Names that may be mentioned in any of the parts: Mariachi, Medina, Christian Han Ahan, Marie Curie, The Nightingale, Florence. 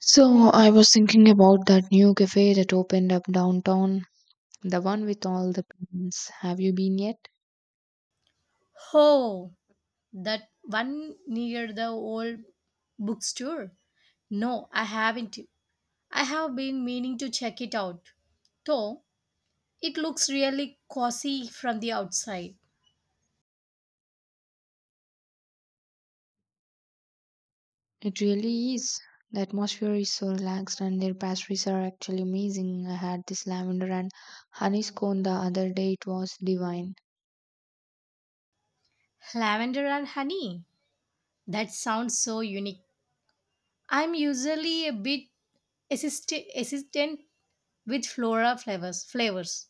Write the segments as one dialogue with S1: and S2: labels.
S1: So I was thinking about that new cafe that opened up downtown, the one with all the plants. Have you been yet?
S2: Oh, that one near the old bookstore? No, I haven't. I have been meaning to check it out, though it looks really cozy from the outside.
S1: It really is. The atmosphere is so relaxed, and their pastries are actually amazing. I had this lavender and honey scone the other day. It was divine.
S2: Lavender and honey. That sounds so unique. I'm usually a bit assistant with flavors,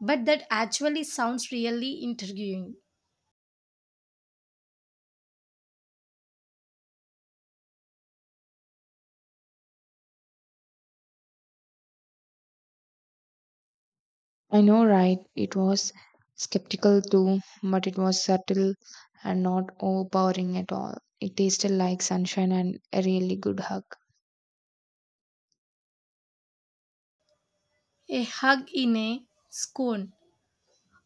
S2: but that actually sounds really intriguing.
S1: I know, right? It was skeptical too, but it was subtle and not overpowering at all. It tasted like sunshine and a really good hug.
S2: A hug in a scone,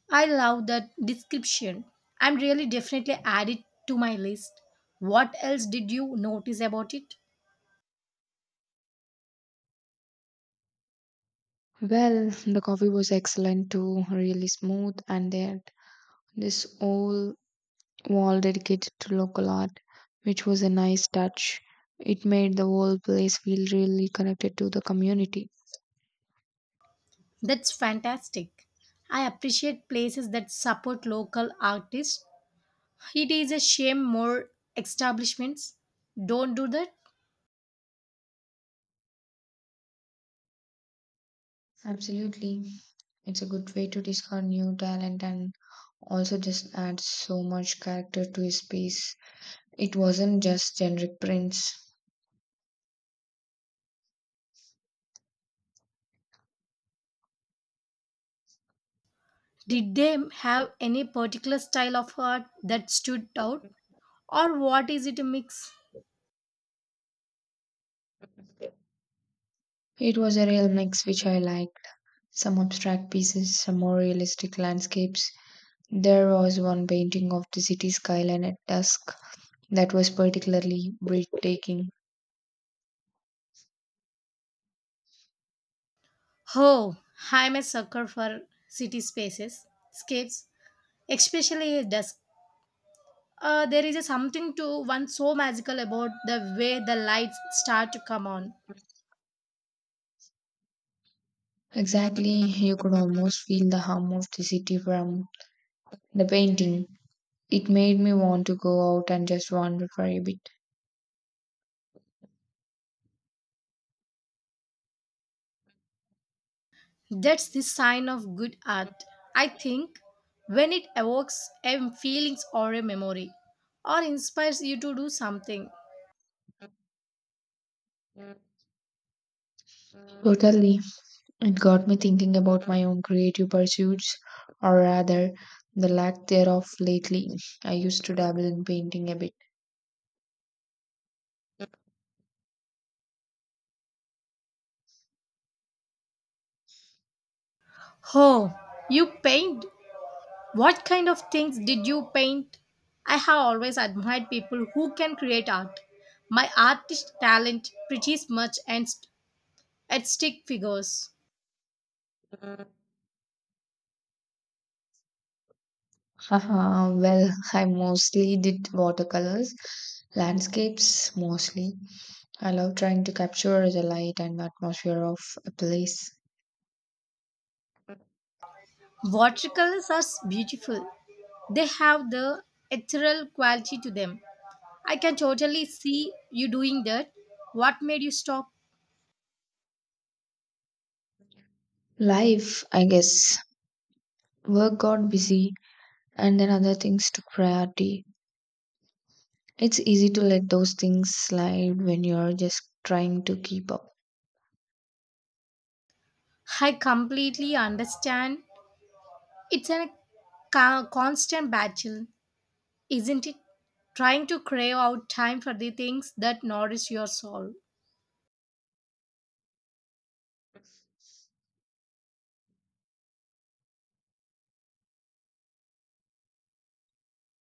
S2: I love that description. I'm really definitely add it to my list. What else did you notice about it?
S1: Well, the coffee was excellent too, really smooth, and they had this whole wall dedicated to local art, which was a nice touch. It made the whole place feel really connected to the community.
S2: That's fantastic. I appreciate places that support local artists. It is a shame more establishments don't do that.
S1: Absolutely. It's a good way to discover new talent and also just add so much character to his piece. It wasn't just generic prints.
S2: Did they have any particular style of art that stood out? Or what is it, a mix?
S1: It was a real mix which I liked. Some abstract pieces, some more realistic landscapes. There was one painting of the city skyline at dusk that was particularly breathtaking.
S2: Oh, I'm a sucker for city spaces, scapes, especially dusk. There is a something to one so magical about the way the lights start to come on.
S1: Exactly, you could almost feel the hum of the city from the painting. It made me want to go out and just wander for a bit.
S2: That's the sign of good art, I think, when it evokes a feelings or a memory, or inspires you to do something.
S1: Totally, it got me thinking about my own creative pursuits, or rather, the lack thereof lately. I used to dabble in painting a bit.
S2: Oh, you paint? What kind of things did you paint? I have always admired people who can create art. My artist talent pretty much ends at stick figures.
S1: Haha, well, I mostly did watercolors, landscapes mostly. I love trying to capture the light and atmosphere of a place.
S2: Watercolors are beautiful. They have the ethereal quality to them. I can totally see you doing that. What made you stop?
S1: Life, I guess. Work got busy and then other things took priority. It's easy to let those things slide when you're just trying to keep up.
S2: I completely understand. It's a constant battle, isn't it? Trying to crave out time for the things that nourish your soul.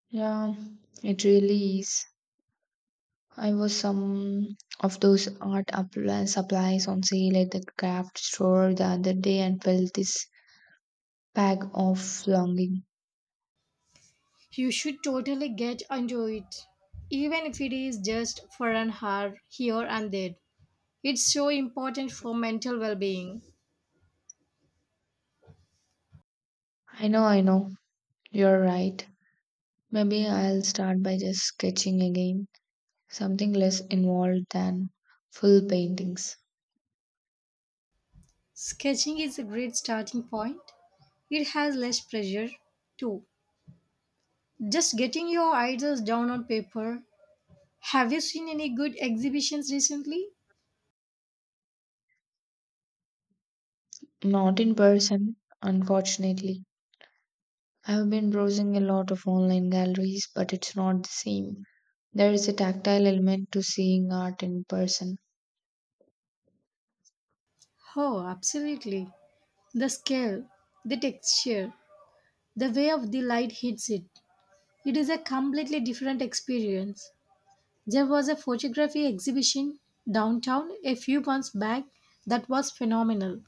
S1: Yeah, it really is. I was some of those supplies on sale at the craft store the other day and felt this pang of longing.
S2: You should totally get into it, even if it is just for an hour here and there. It's so important for mental well being.
S1: I know, you're right. Maybe I'll start by just sketching again, something less involved than full paintings.
S2: Sketching is a great starting point. It has less pressure too. Just getting your ideas down on paper. Have you seen any good exhibitions recently?
S1: Not in person, unfortunately. I've been browsing a lot of online galleries, but it's not the same. There is a tactile element to seeing art in person.
S2: Oh, absolutely. The scale, the texture, the way of the light hits it. It is a completely different experience. There was a photography exhibition downtown a few months back that was phenomenal.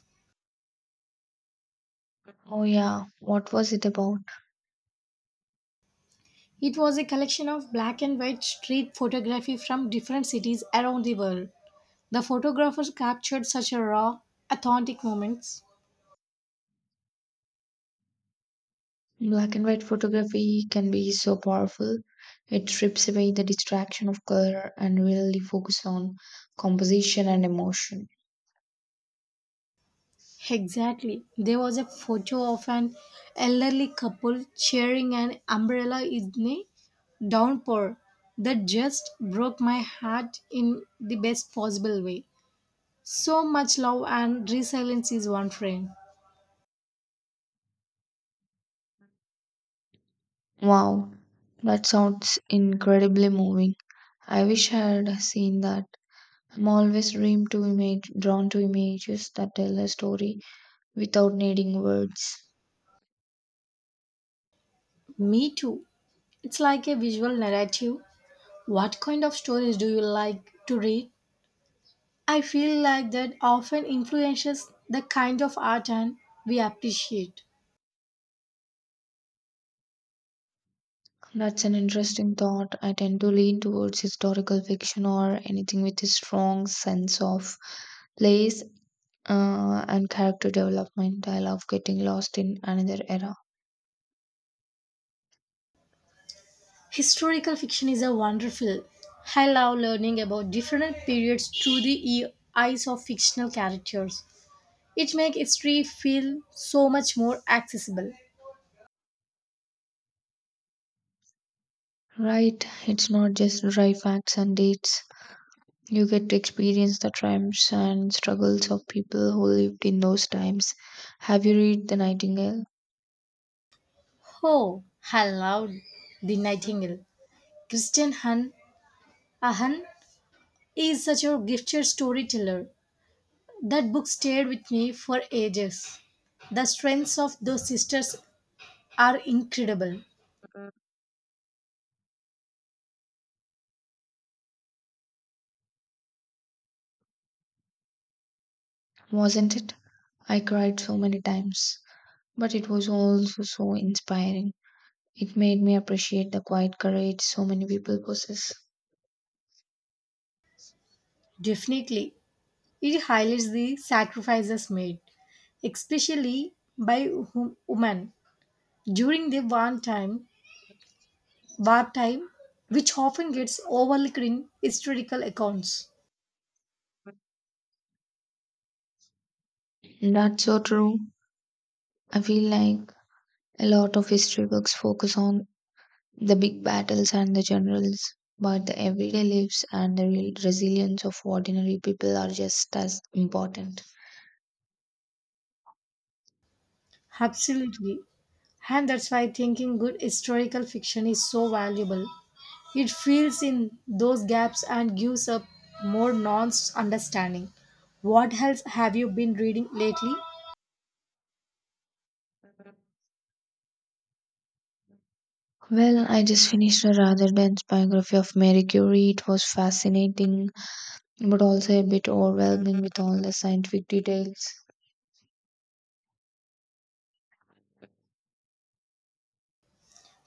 S1: Oh, yeah, what was it about?
S2: It was a collection of black and white street photography from different cities around the world. The photographers captured such a raw, authentic moments.
S1: Black and white photography can be so powerful. It strips away the distraction of color and really focus on composition and emotion.
S2: Exactly. There was a photo of an elderly couple sharing an umbrella in a downpour that just broke my heart in the best possible way. So much love and resilience is one frame.
S1: Wow, that sounds incredibly moving. I wish I had seen that. I'm always drawn to images that tell a story without needing words.
S2: Me too. It's like a visual narrative. What kind of stories do you like to read? I feel like that often influences the kind of art and we appreciate.
S1: That's an interesting thought. I tend to lean towards historical fiction or anything with a strong sense of place and character development. I love getting lost in another era.
S2: Historical fiction is a wonderful. I love learning about different periods through the eyes of fictional characters. It makes history feel so much more accessible.
S1: Right, it's not just dry facts and dates. You get to experience the triumphs and struggles of people who lived in those times. Have you read The Nightingale?
S2: Oh, I love The Nightingale. Christian Han Ahan is such a gifted storyteller. That book stayed with me for ages. The strengths of those sisters are incredible.
S1: Wasn't it? I cried so many times, but it was also so inspiring. It made me appreciate the quiet courage so many people possess.
S2: Definitely, it highlights the sacrifices made, especially by women during the wartime, which often gets overlooked in historical accounts.
S1: That's so true. I feel like a lot of history books focus on the big battles and the generals, but the everyday lives and the real resilience of ordinary people are just as important.
S2: Absolutely. And that's why thinking good historical fiction is so valuable. It fills in those gaps and gives a more nuanced understanding. What else have you been reading lately?
S1: Well, I just finished a rather dense biography of Marie Curie. It was fascinating, but also a bit overwhelming with all the scientific details.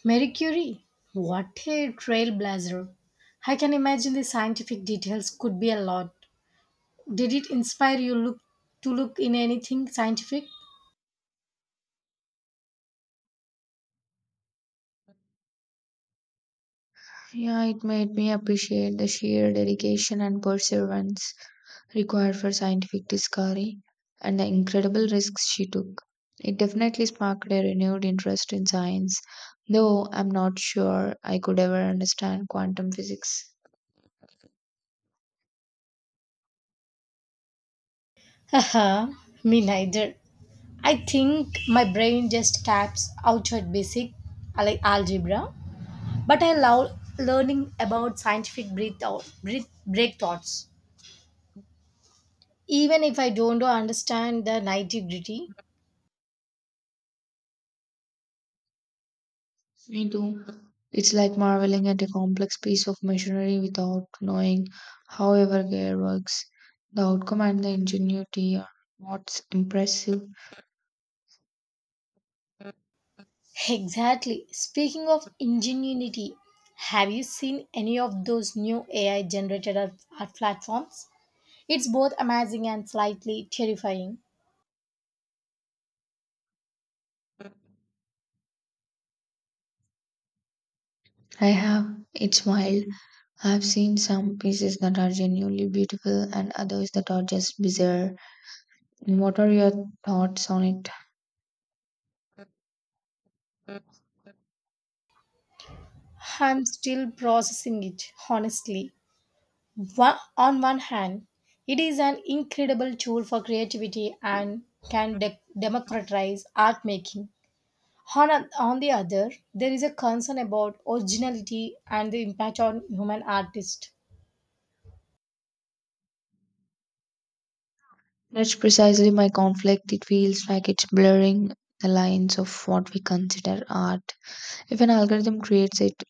S2: Marie Curie. What a trailblazer. I can imagine the scientific details could be a lot. Did it inspire you look to look in anything scientific?
S1: Yeah, it made me appreciate the sheer dedication and perseverance required for scientific discovery and the incredible risks she took. It definitely sparked a renewed interest in science, though I'm not sure I could ever understand quantum physics.
S2: Haha, me neither. I think my brain just taps out at basic like algebra, but I love learning about scientific break thoughts, even if I don't understand the nitty gritty.
S1: Me too. It's like marveling at a complex piece of machinery without knowing how every gear works. The outcome and the ingenuity are what's impressive.
S2: Exactly. Speaking of ingenuity, have you seen any of those new AI generated art platforms? It's both amazing and slightly terrifying.
S1: I have. It's wild. I've seen some pieces that are genuinely beautiful and others that are just bizarre. What are your thoughts on it?
S2: I'm still processing it, honestly. On one hand, it is an incredible tool for creativity and can democratize art making. On the other, there is a concern about originality and the impact on human artists.
S1: That's precisely my conflict. It feels like it's blurring the lines of what we consider art. If an algorithm creates it,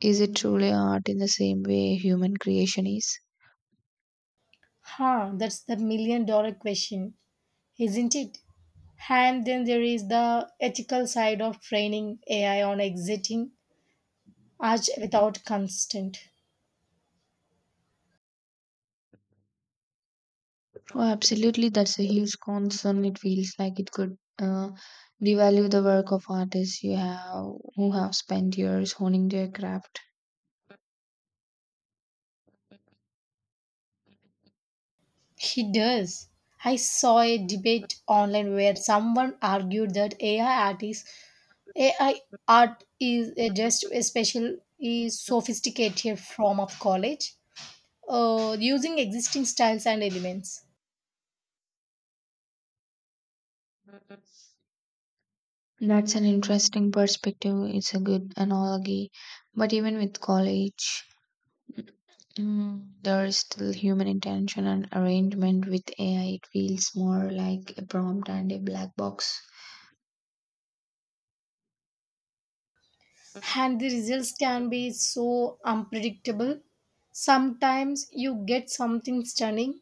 S1: is it truly art in the same way human creation is?
S2: Huh, that's the million dollar question, isn't it? And then there is the ethical side of training AI on exiting art without consent.
S1: Oh, absolutely, that's a huge concern. It feels like it could devalue the work of artists you have who have spent years honing their craft.
S2: He does. I saw a debate online where someone argued that AI art is just a special is sophisticated form of college, using existing styles and elements.
S1: That's an interesting perspective. It's a good analogy. But even with college, there is still human intention and arrangement. With AI, it feels more like a prompt and a black box.
S2: And the results can be so unpredictable. Sometimes you get something stunning,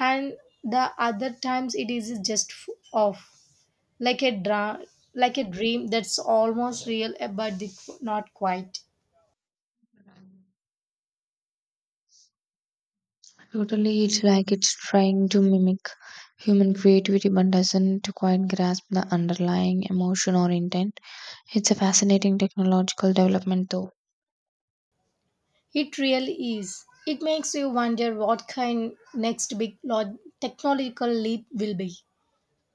S2: and the other times it is just off, like like a dream that's almost real, not quite.
S1: Totally, it's like it's trying to mimic human creativity but doesn't quite grasp the underlying emotion or intent. It's a fascinating technological development, though.
S2: It really is. It makes you wonder what kind next big technological leap will be.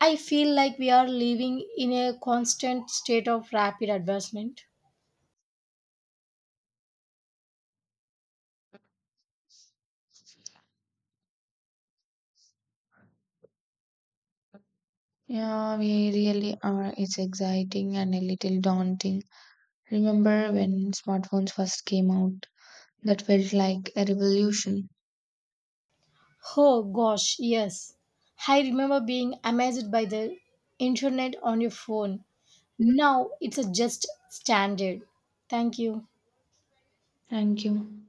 S2: I feel like we are living in a constant state of rapid advancement.
S1: Yeah, we really are. It's exciting and a little daunting. Remember when smartphones first came out? That felt like a revolution.
S2: Oh gosh, yes. I remember being amazed by the internet on your phone. Now it's a just standard. Thank you.
S1: Thank you.